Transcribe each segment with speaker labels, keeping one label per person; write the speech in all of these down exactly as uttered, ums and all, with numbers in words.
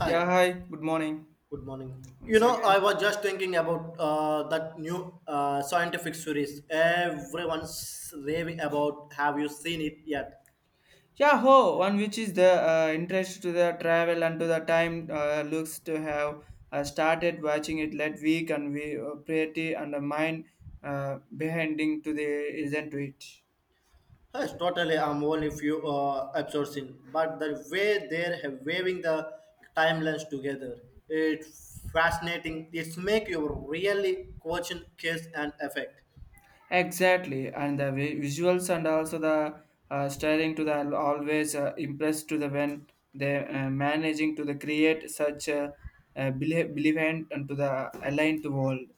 Speaker 1: Hi,
Speaker 2: Yeah, hi, good morning
Speaker 1: good morning. You
Speaker 2: once
Speaker 1: know, I
Speaker 2: again.
Speaker 1: was just thinking about uh, that new uh, scientific series everyone's raving about. Have you seen it yet?
Speaker 2: Yeah, ho, one which is the uh, interest to the travel and to the time uh, looks to have uh, started watching it late week and we uh, pretty and the mind uh, behinding to the isn't to it.
Speaker 1: Yes, totally. I'm only few uh, episodes in, but the way they're ha- waving the timelines together, it's fascinating. It's make you really question cause and effect.
Speaker 2: Exactly, and the vi- visuals and also the uh, styling to the always uh, impressed to the when they uh, managing to the create such a uh, believe and to the aligned world.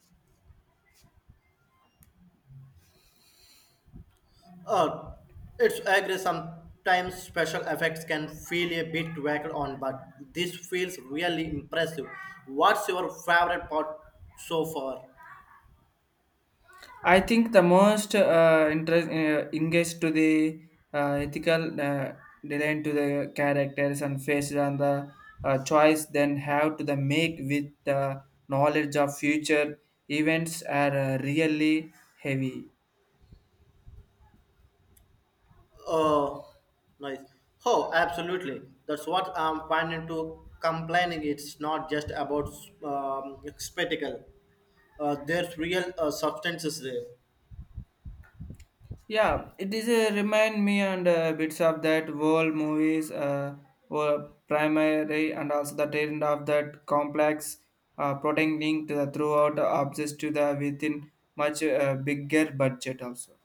Speaker 1: Uh, it's agree. Sometimes special effects can feel a bit whacked on, but this feels really impressive. What's your favorite part so far?
Speaker 2: I think the most uh, interest uh, engaged to the uh, ethical uh, design to the characters and faces and the uh, choice then have to the make with the knowledge of future events are uh, really heavy.
Speaker 1: Uh, nice. Oh, absolutely. That's what I'm finding to complaining. It's not just about um, spectacle. Uh, there's real uh, substances there.
Speaker 2: Yeah, it is a remind me and uh, bits of that world movies uh, were primary and also the trend of that complex uh, protecting to the throughout objects to the within much uh, bigger budget also.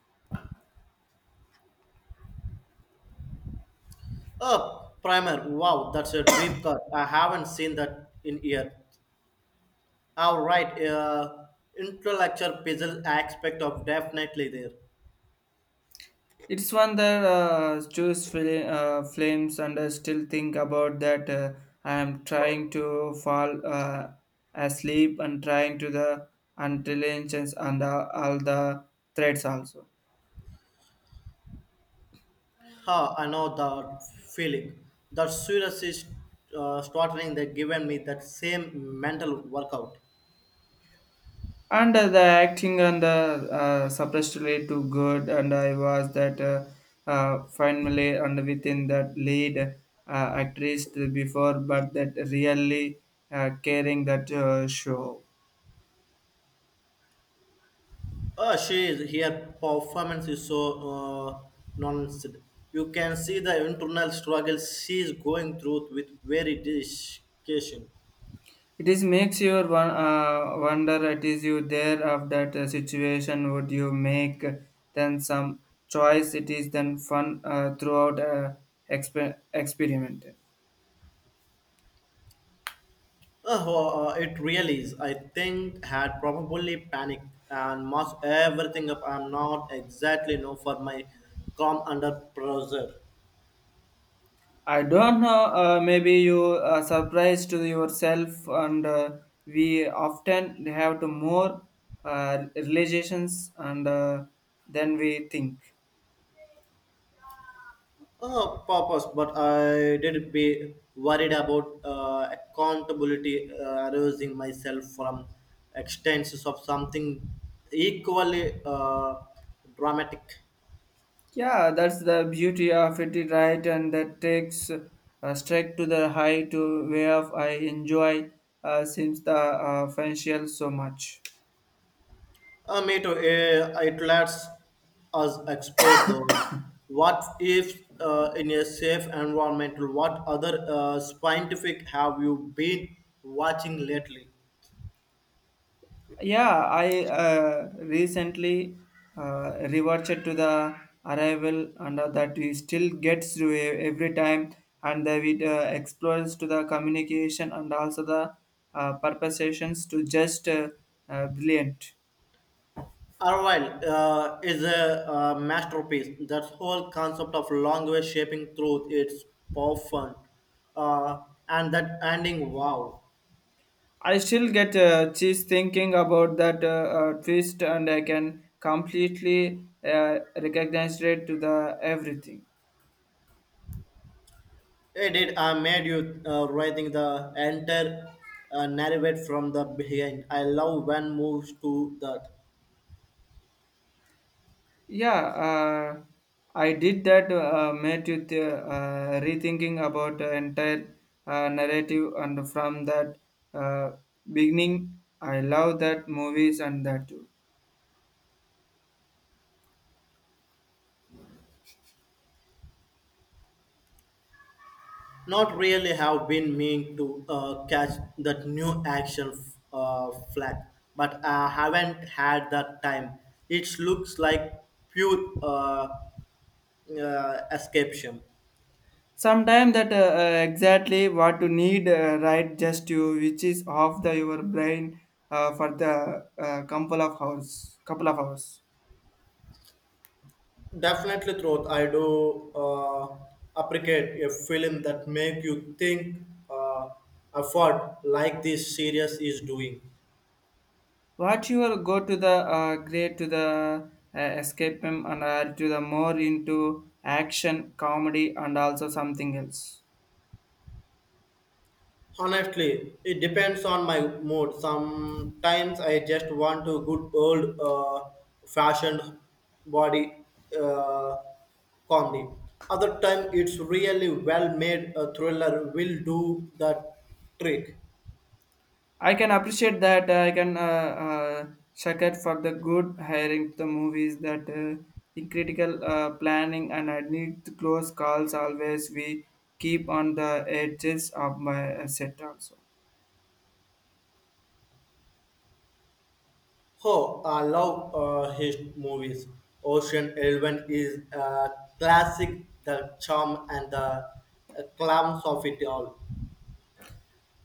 Speaker 1: Uh, primer. Wow, that's a deep cut. I haven't seen that in year. All right, uh, intellectual puzzle aspect of definitely there.
Speaker 2: It's one that uh, choose fl- uh, flames and I still think about that, uh, I am trying to fall uh, asleep and trying to the intelligence and uh, all the threads also.
Speaker 1: Huh, I know the feeling. The serious is uh, startling that given me that same mental workout.
Speaker 2: And uh, the acting and the uh, suppressed led to good and I was that uh, uh, finally and within that lead uh, actress to before but that really uh, caring that uh, show.
Speaker 1: Uh, she is here. Performance is so uh, nonsense. You can see the internal struggle she is going through with very dedication.
Speaker 2: It is makes you won- uh, wonder, it is you there of that uh, situation would you make then some choice it is then fun uh, throughout uh, exper- experiment.
Speaker 1: Oh, uh, uh, it really is. I think had probably panicked and messed everything up. I'm not exactly known for my calm under pressure
Speaker 2: I don't know. Uh, maybe you uh, surprised to yourself, and uh, we often have to more uh, relations, and uh, then we think.
Speaker 1: uh, purpose, but I did be worried about uh, accountability uh, arousing myself from extents of something equally uh, dramatic.
Speaker 2: Yeah, that's the beauty of it, right? And that takes uh, straight to the high to where I enjoy uh, since the uh, financial so much.
Speaker 1: Uh, me too. Uh, it lets us explore the what if uh, in a safe environment. What other uh, scientific have you been watching lately?
Speaker 2: Yeah, I uh, recently uh, reverted to the arrival and uh, that we still gets to e- every time and the we uh, explores to the communication and also the uh, purpositions to just uh, uh, brilliant.
Speaker 1: Arrival uh, is a, uh masterpiece. That whole concept of language shaping truth it's profound, uh, and that ending wow,
Speaker 2: I still get uh, cheese thinking about that, uh, uh, twist and I can completely uh, recognize it to the everything.
Speaker 1: it it uh, made you uh, writing the entire uh, narrative from the behind. I love when moves to that.
Speaker 2: Yeah, uh, I did that. Uh, made you th- uh, rethinking about the entire uh, narrative, and from that uh, beginning, I love that movies and that too.
Speaker 1: Not really have been meaning to uh, catch that new action uh, flag, but I haven't had that time. It looks like pure uh, uh, escapism.
Speaker 2: Sometimes that uh, uh, exactly what you need, uh, right? Just you, which is off the your brain uh, for the uh, couple of hours. Couple of hours.
Speaker 1: Definitely, truth. I do uh, appreciate a film that make you think uh, effort like this series is doing.
Speaker 2: What you will go to the uh, great to the uh, escape him and uh, to the more into action, comedy, and also something else.
Speaker 1: Honestly, it depends on my mood. Sometimes I just want a good old uh, fashioned body uh, comedy. Other time it's really well made a thriller will do the trick.
Speaker 2: I can appreciate that. uh, I can uh, uh, check it for the good hiring the movies that uh, in critical uh, planning and I need to close calls always. We keep on the edges of my uh, set also.
Speaker 1: Oh, I love uh, his movies. Ocean Eleven is a classic, the charm and the uh, clams of it all.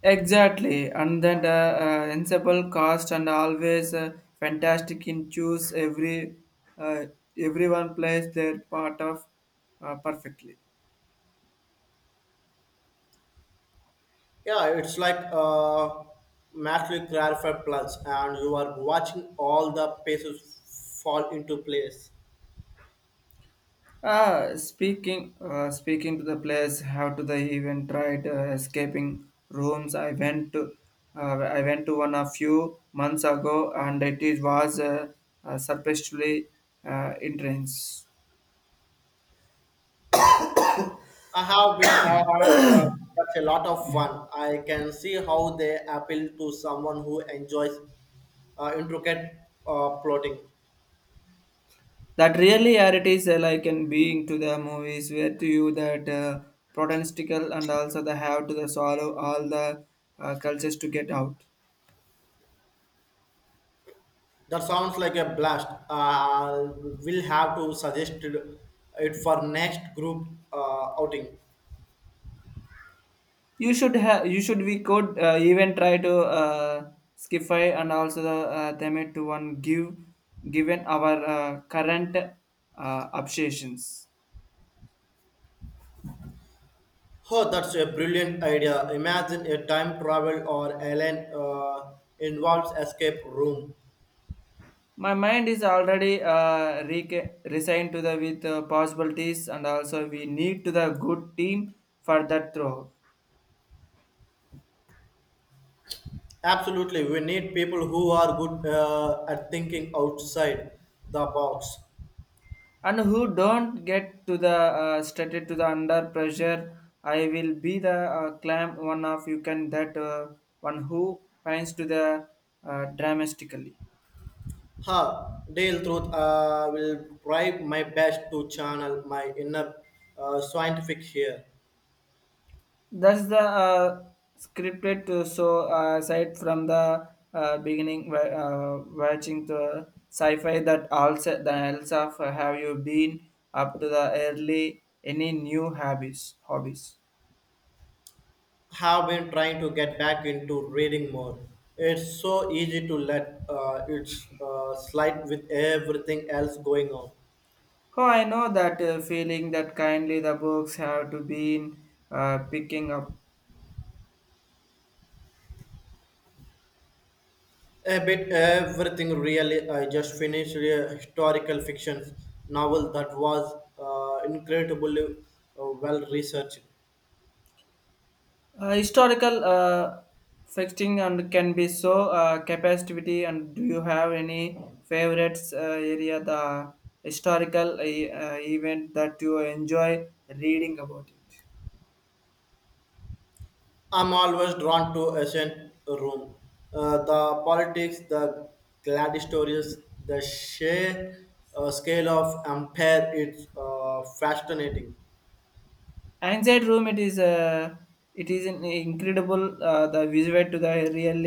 Speaker 2: Exactly, and then the uh, ensemble cast and always uh, fantastic in choose every uh, everyone plays their part of uh, perfectly.
Speaker 1: Yeah, it's like uh, magically clarified plants, and you are watching all the pieces fall into place.
Speaker 2: Uh, speaking uh, speaking to the players, how to they even tried uh, escaping rooms? I went to uh, I went to one a few months ago, and it is was uh, uh, surprisingly uh, intense.
Speaker 1: I have been, uh, uh, that's a lot of fun. I can see how they appeal to someone who enjoys uh, intricate uh, plotting.
Speaker 2: That really are it is uh, like in being to the movies where to you that uh, protestical and also the have to the swallow all the uh, cultures to get out.
Speaker 1: That sounds like a blast. Uh, we'll have to suggest it for next group uh, outing.
Speaker 2: You should have you should we could uh, even try to uh, skify and also the uh, them to one give given our uh, current uh, obsessions.
Speaker 1: Oh, that's a brilliant idea. Imagine a time travel or alien uh, involves escape room.
Speaker 2: My mind is already uh, re- resigned to the with uh, possibilities and also we need to the good team for that throw.
Speaker 1: Absolutely, we need people who are good uh, at thinking outside the box.
Speaker 2: And who don't get to the uh, started to the under pressure, I will be the uh, clam one of you can that uh, one who finds to the uh, dramatically.
Speaker 1: Ha, Dale Truth I will try my best to channel my inner uh, scientific here.
Speaker 2: That's the uh, scripted to so uh, aside from the uh, beginning wa- uh, watching the sci-fi that also the else of have you been up to the early any new hobbies hobbies
Speaker 1: Have been trying to get back into reading more. It's so easy to let uh, it uh, slide with everything else going on.
Speaker 2: Oh, I know that uh, feeling that kindly the books have to be in, uh, picking up.
Speaker 1: A bit everything really. I just finished a historical fiction novel that was uh, incredibly uh, well researched.
Speaker 2: Uh, historical uh, fixing and can be so uh, capacity. And do you have any favorites uh, area the historical uh, uh, event that you enjoy reading about it?
Speaker 1: I'm always drawn to ancient Rome. Uh, the politics, the gladiators, the sheer uh, scale of empire, it's uh, fascinating.
Speaker 2: Inside room, it is uh, it is an incredible uh, the visual to the really